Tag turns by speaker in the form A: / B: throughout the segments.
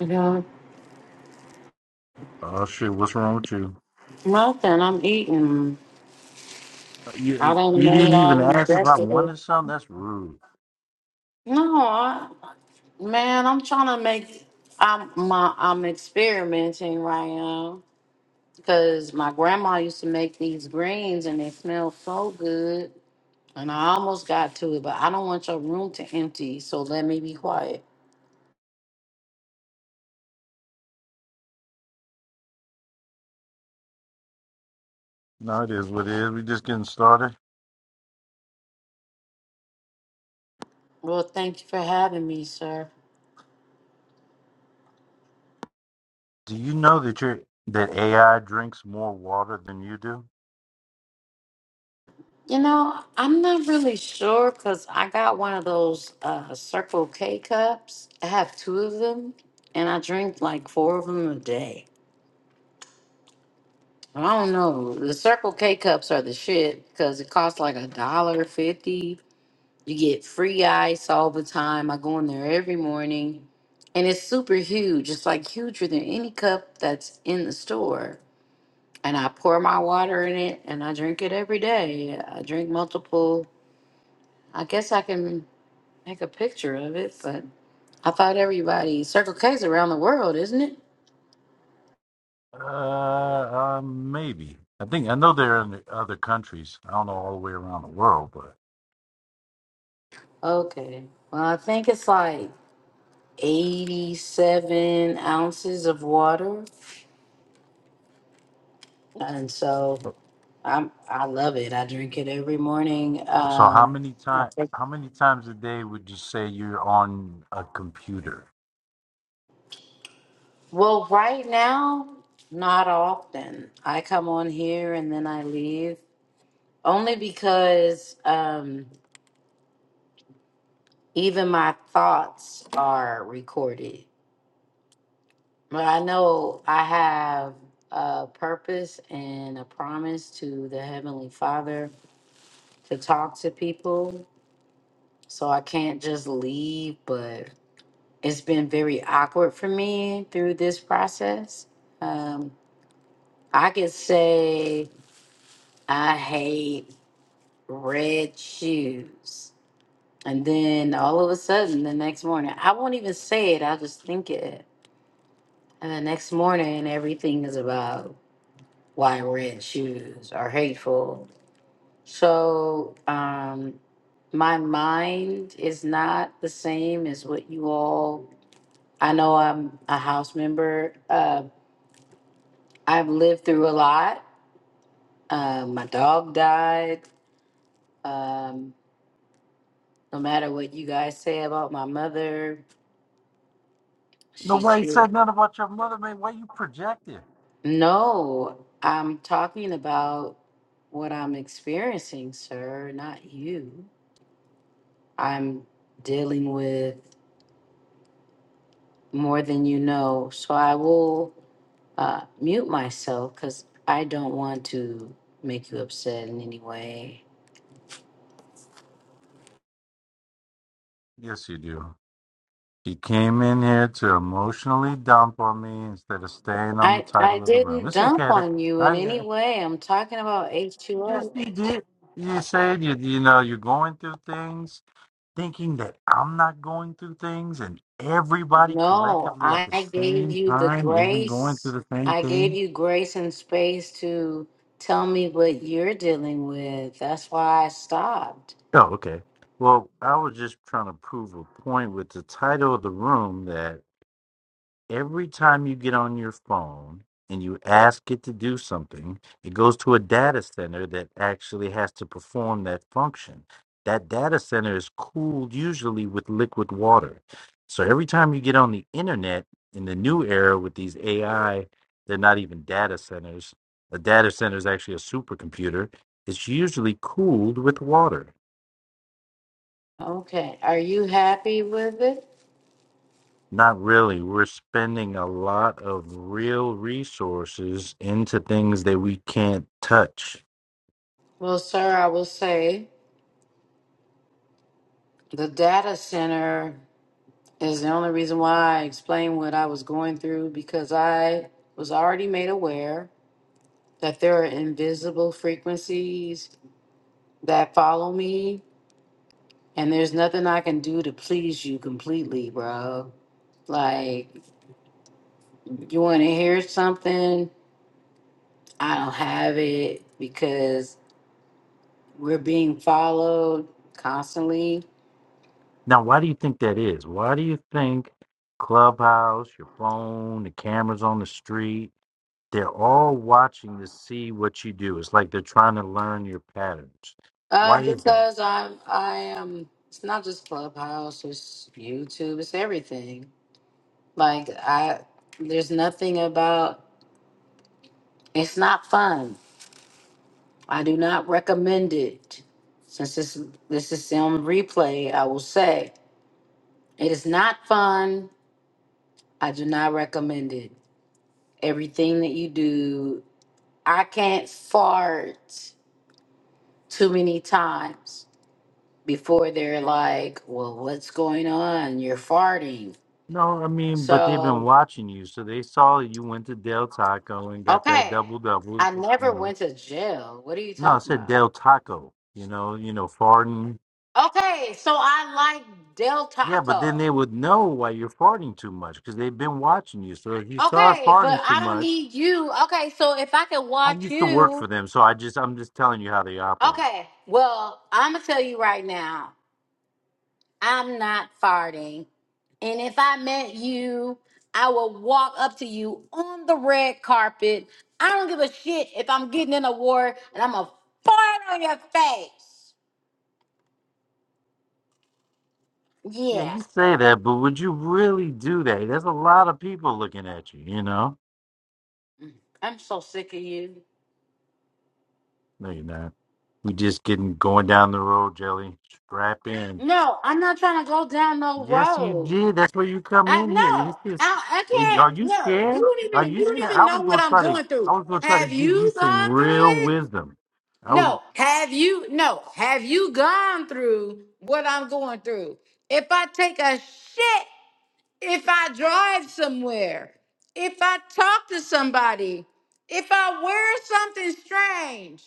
A: Yeah, nothing. I'm eating. I done made all the vegetables. No, I, man, I'm trying to make. I'm my. I'm experimenting right now because my grandma used to make these greens and they smell so good. And I almost got to it, but I don't want your room to empty, so let me be quiet. Well, thank you for having me, sir. You know, I'm not really sure because I got one of those uh, Circle K cups. I have two of them, and I drink like four of them a day. I don't know. The Circle K cups are the shit because it costs like a dollar fifty. You get free ice all the time. I go in there every morning, and it's super huge. It's like huger than any cup that's in the store. And I pour my water in it, and I drink it every day. I drink multiple I guess I can. Make a picture of it, but I thought everybody Circle K's around the world, isn't it? Okay. Well, I think it's like 87 ounces of water, and so I'm I love it. I drink it every morning. Um, I think- well, right now, not often. I come on here and then I leave only because um, even my thoughts are recorded. But I know I have a purpose and a promise to the Heavenly Father to talk to people. So I can't just leave, but it's been very awkward for me through this process. Um, I could say I hate red shoes. And then all of a sudden, the next morning, I won't even say it, I'll just think it. And the next morning, everything is about why red shoes are hateful. So um, my mind is not the same as what you all. I know I'm a house member. Uh, I've lived through a lot. Uh, my dog died. Um, no matter what you guys say about my mother, she's still. No, I'm talking about what I'm experiencing, sir, not you. I'm dealing with more than you know. So I will uh, mute myself because I don't want to make you upset in any way. I I didn't dump on you in any way. I'm talking about H2O. No, I gave you the grace. I gave you grace and space to tell me what you're dealing with. That's why I stopped. Okay. Are you happy with it? Well, sir, I will say the data center Is the only reason why I explained what I was going through because I was already made aware that there are invisible frequencies that follow me, and there's nothing I can do to please you completely, bro. Like, you want to hear something? I don't have it because we're being followed constantly. Uh, because I'm, I am. It's not just Clubhouse. It's YouTube. It's everything. Like I there's nothing about it's not fun. I do not recommend it. Since this this is on replay, I will say it is not fun. I do not recommend it. Everything that you do, I can't fart too many times before they're like, "Well, what's going on? You're farting." So, okay. I never went to jail. What are you talking about? Okay, so I like Del Taco. Okay, but I don't need you. Okay, so if I can watch you. Okay, well, I'm going to tell you right now, I'm not farting. And if I met you, I will walk up to you on the red carpet. I don't give a shit if I'm getting an award and I'm going to fart on your face. Yeah, I'm so sick of you. No, I'm not trying to go down no road. I no, I, I can't. No, you don't even you don't even know what I'm going through. Have you gone through it? No. Have you no? Have you gone through what I'm going through? If I take a shit, if I drive somewhere, if I talk to somebody, if I wear something strange,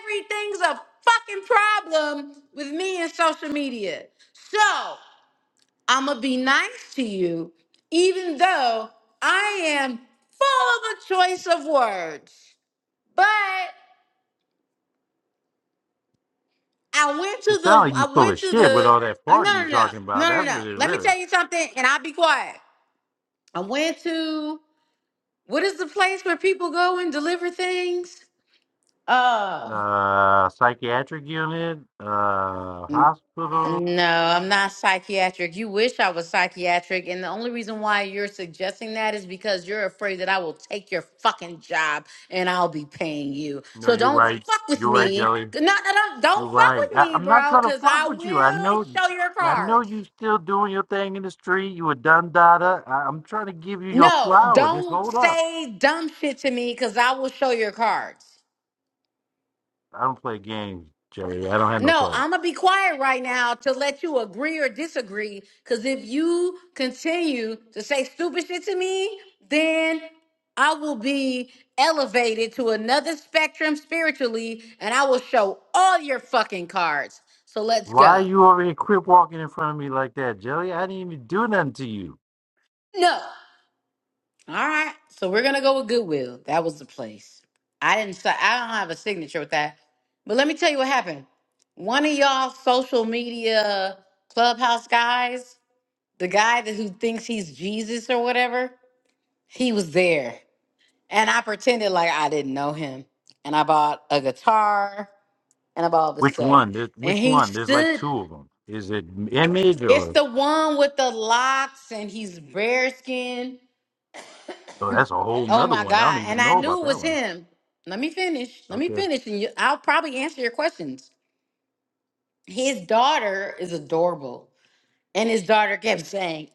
A: everything's a fucking problem with me and social media. So. I'm going to be nice to you, even though I am full of a choice of words. But I went to the, I went to the, uh, no, no, no, no, no, no. Let me tell you something and I'll be quiet. I went to, what is the place where people go and deliver things? Uh, No, I'm not psychiatric. You wish I was psychiatric. And the only reason why you're suggesting that is because you're afraid that I will take your fucking job and I'll be paying you. So don't fuck with me. No, no, no. Don't fuck with me, bro, because I will show your cards. No, don't say dumb shit to me because I will show your cards. No, I'm gonna be quiet right now to let you agree or disagree. Cause if you continue to say stupid shit to me, then I will be elevated to another spectrum spiritually, and I will show all your fucking cards. So let's go. No. All right. So we're gonna go with Goodwill. That was the place. I didn't. si- I don't have a signature with that. But let me tell you what happened. One of y'all social media clubhouse guys the guy that who thinks he's Jesus or whatever, he was there. And I pretended like I didn't know him. And I bought a guitar and I bought all this stuff. And he stood. It's the one with the locks and he's bare skin. Oh my God. And I knew it was him. Let me finish. Let me finish. And you, I'll probably answer your questions. His daughter is adorable. And his daughter kept saying,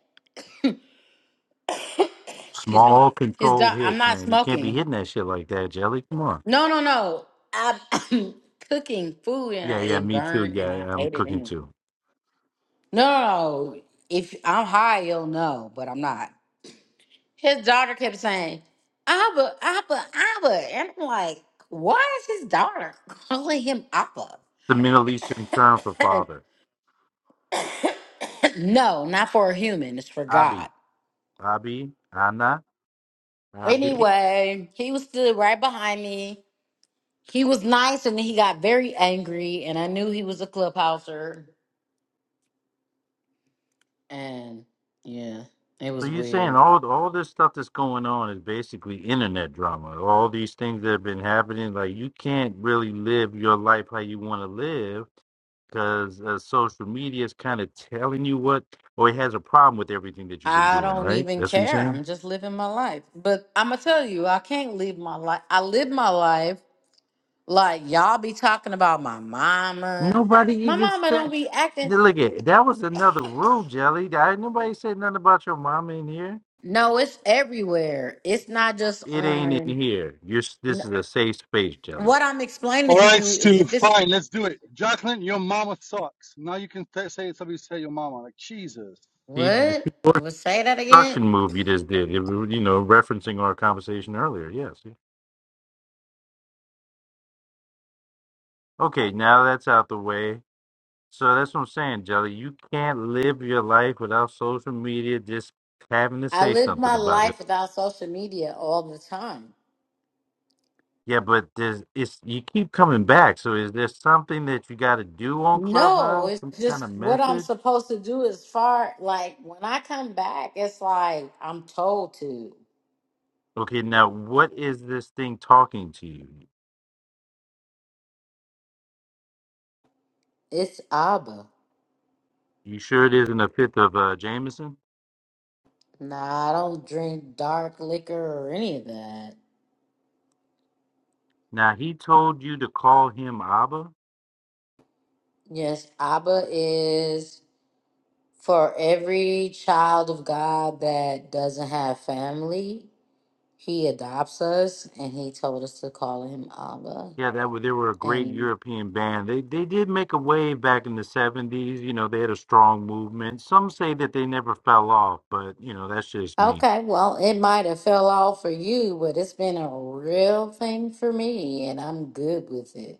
A: Excuse me. His daughter, I'm not smoking. No, no, no. I, am cooking food and I, it burned and I ate it. In. No, no, no. If I'm high, you'll know, but I'm not. His daughter kept saying, Abba, Abba, Abba. And I'm like, why is his daughter calling him Abba? no, not for a human. It's for God. Anyway, he was stood right behind me. He was nice and then he got very angry and I knew he was a clubhouser. And yeah, it was weird. I don't even care. I'm just living my life. But I'm gonna tell you, I can't live my life. I live my life like y'all be talking about my mama. My mama don't be acting. No, it's everywhere. It's not just on. n- What I'm
B: All
A: explaining to
B: right,
A: you is
B: Stu.
A: if it's
B: Fine, let's do it. Jacqueline, your mama sucks. Now you can t- say somebody say your mama. Like Jesus,
A: what? Well, say that again. I live my life without social media all the time. No, it's just what I'm supposed to do as far like when I come back, it's like I'm told to. It's Abba. Nah, I don't drink dark liquor or any of that. Yes, Abba is for every child of God that doesn't have family. He adopts us and he told us to call him Abba. And Okay, well, it might have fell off for you, but it's been a real thing for me, and I'm good with it.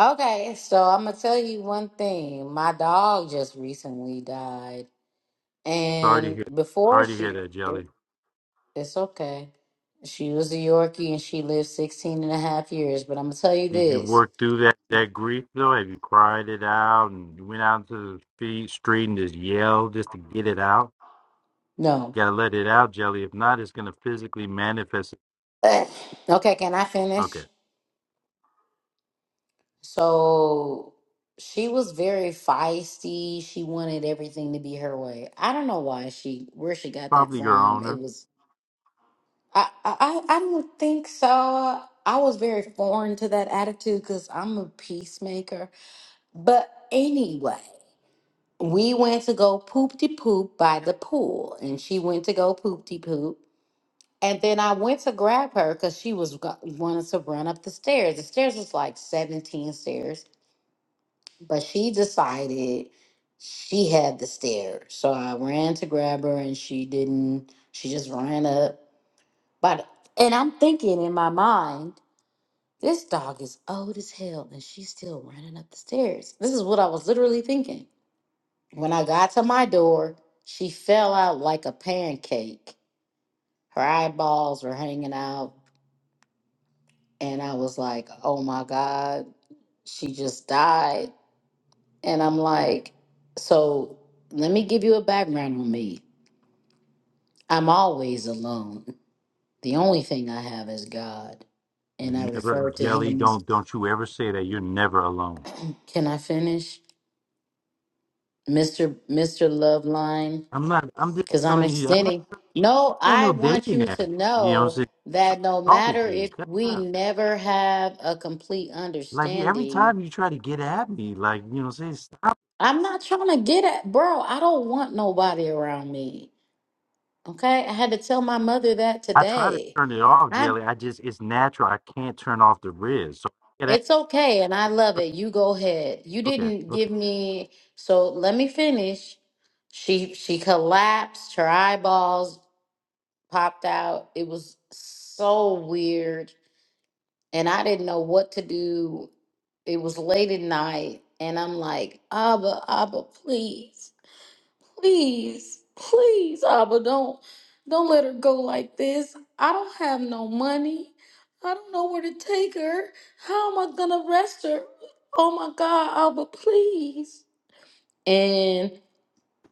A: Okay, so I'm gonna tell you one thing. My dog just recently died, and before she, it- it's okay. She was a Yorkie and she lived 16 and a half years, but I'm gonna tell you this. No. Okay, can I finish? So she was very feisty. She wanted everything to be her way. I don't know why she where she got that from. It was I I I I don't think so. I was very foreign to that attitude because I'm a peacemaker. But anyway, we went to go poop de poop by the pool, and she went to go poop de poop. And then I went to grab her because she was go- wanted to run up the stairs. The stairs was like 17 stairs. But she decided she had the stairs. So I ran to grab her and she didn't. She just ran up. But and I'm thinking in my mind, this dog is old as hell and she's still running up the stairs. This is what I was literally thinking. When I got to my door, she fell out like a pancake. Her eyeballs were hanging out and I was like, "Oh my god, she just died." And I'm like, so let me give you a background on me. I'm always alone. The only thing I have is God. And I refer to him as can I finish? Mr. Mr. Loveline? Because I'm extending. No, I want you to know that no matter if we never have a complete understanding, I'm not trying to get at bro, I don't want nobody around me. Okay, I had to tell my mother that today. I it's okay and I love it. You go ahead. You didn't give me so let me finish. She she collapsed, her eyeballs popped out. It was so weird and I didn't know what to do. It was late at night and I'm like, "Abba, Abba, please." please, please, Abba, don't don't let her go like this. I don't have no money. I don't know where to take her. How am I gonna arrest her? Oh my God, Abba, please. And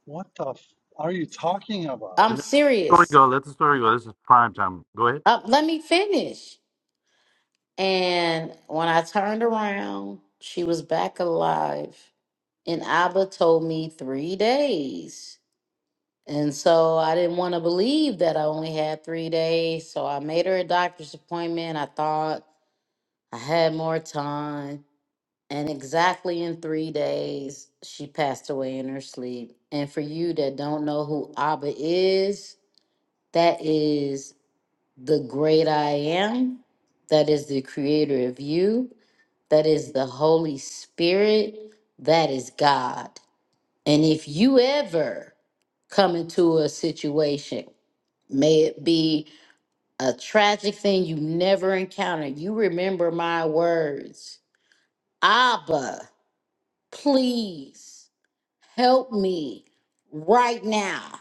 B: what the f- are you talking about?
A: I'm serious. Uh, let me finish. And when I turned around, she was back alive. And Abba told me three days. And so I didn't want to believe that I only had three days. So I made her a doctor's appointment. I thought I had more time. And exactly in three days, she passed away in her sleep. And for you that don't know who Abba is, that is the great I am. That is the creator of you. That is the Holy Spirit. That is God. And if you ever come into a situation May it be a tragic thing you never encountered. You remember my words. Abba, please help me right now.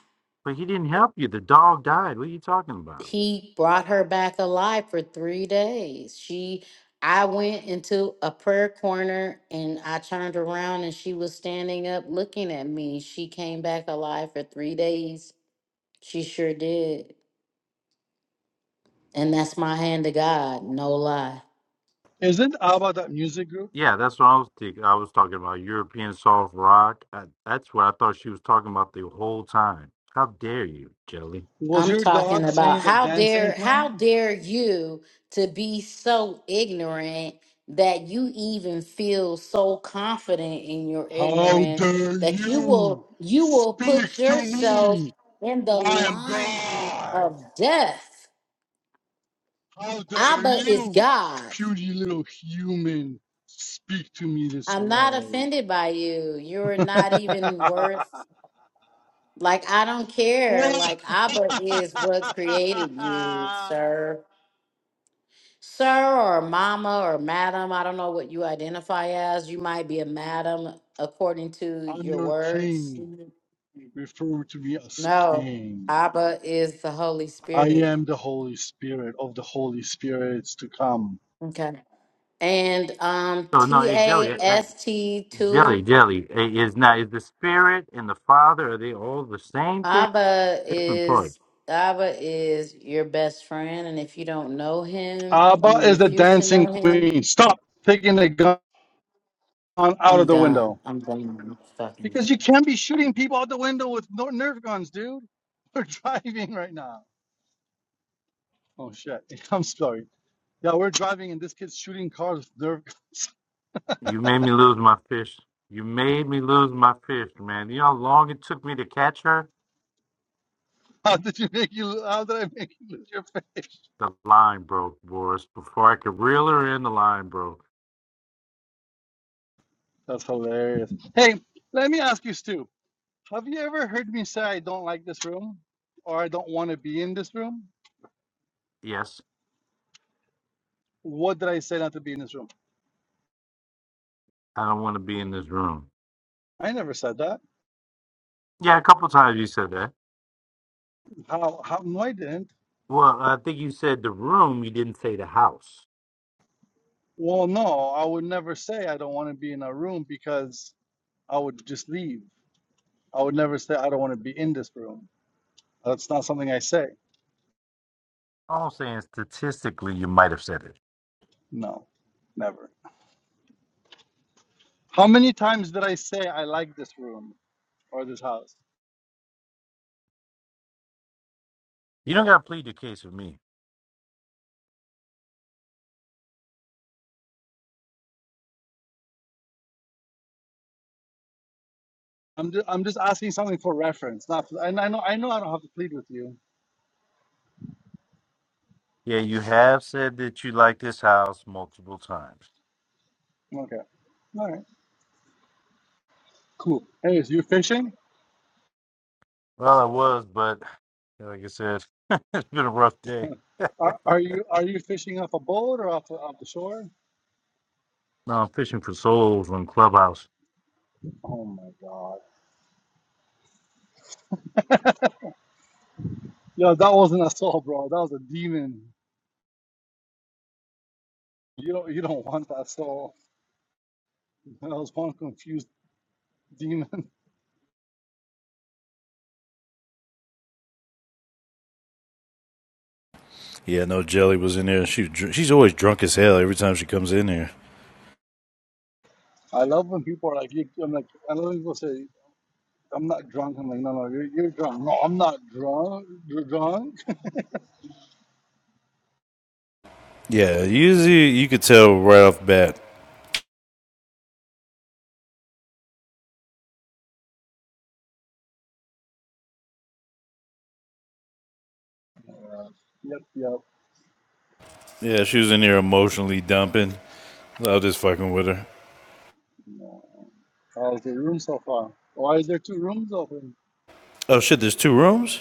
A: He brought her back alive for three days. She, I went into a prayer corner and I turned around and she was standing up looking at me. She came back alive for three days. She sure did. And that's my hand to God, no lie.
B: Isn't ABBA that music group? Was
A: I'm
B: your
A: talking
B: dog
A: about
B: singing the
A: how
B: Dancing
A: dare how
B: Queen?
A: dare you to be so ignorant that you even feel so confident in your
B: How
A: ignorance
B: dare
A: that you
B: you
A: will you will
B: speak
A: put
B: to
A: yourself
B: me?
A: in the
B: I am
A: line
B: God.
A: of death.
B: How dare
A: Abba is
B: you,
A: God.
B: puny little human, speak to me this
A: I'm not
B: way?
A: offended by you. You're not even worth like I don't care.
B: Whoa.
A: Like Abba is what created you,
B: I'm
A: sir. Sir or mama or madam, I don't know what you identify as. You might be a madam according to your
B: your
A: words.
B: king.
A: Mhm.
B: Refer to me as
A: No,
B: king.
A: Abba is the Holy
B: I
A: Spirit.
B: am the Holy Spirit of the Holy Spirits to come.
A: Okay. And um T A S T two Abba is Abba is your best friend. And if you don't know him
B: Abba
A: and you
B: is the
A: refuse to
B: dancing
A: know him,
B: queen. Stop taking the gun out of
A: I'm
B: the window.
A: done. I'm done. Fucking
B: Because you can't be shooting people out the window with no nerf guns, dude. We're driving right now. Oh shit. I'm sorry. Yeah, we're driving and this kid's shooting cars with nerf guns. How did you make you how did I make you lose your face? That's hilarious. Hey, let me ask you, Stu. Have you ever heard me say I don't like this room or I don't want to be in this room? What did I say not to be in this room? I never said that. How? How? No, I didn't. Well, no, I would never say I don't want to be in a room because I would just leave. I would never say I don't want to be in this room. That's not something I say. No, never. How many times did I say I like this room or this house? I'm just, I'm just asking something for reference. Not, and I know, I know, I don't have to plead with you. Okay. All right. Cool. Hey, is you fishing? Huh. Are, are you are you fishing off a boat or off the, off the shore? Oh my God. Yo, that wasn't a soul, bro. That was a demon. You don't you don't want that soul. That was one confused demon. I love when people are like, you, I'm like, I love when people say, I'm not drunk. I'm like, no, no, you're, you're drunk. No, I'm not drunk. You're drunk.
C: Yeah, usually you could tell right off the bat.
B: Yep, yep.
C: Yeah, she was in here emotionally dumping. I was just fucking with her.
B: No. How's the room so far? Why is there two rooms open?
C: Oh shit, there's two rooms?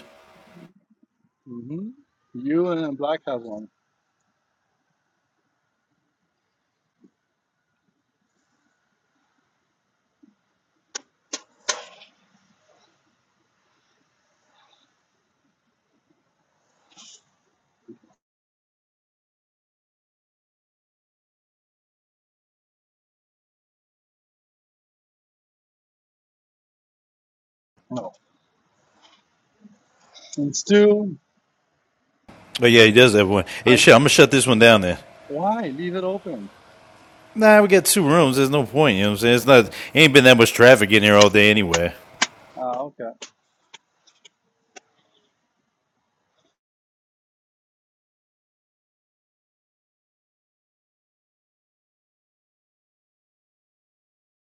B: hmm You and Black has one. No. And Stu, I why leave it open? Ah, okay.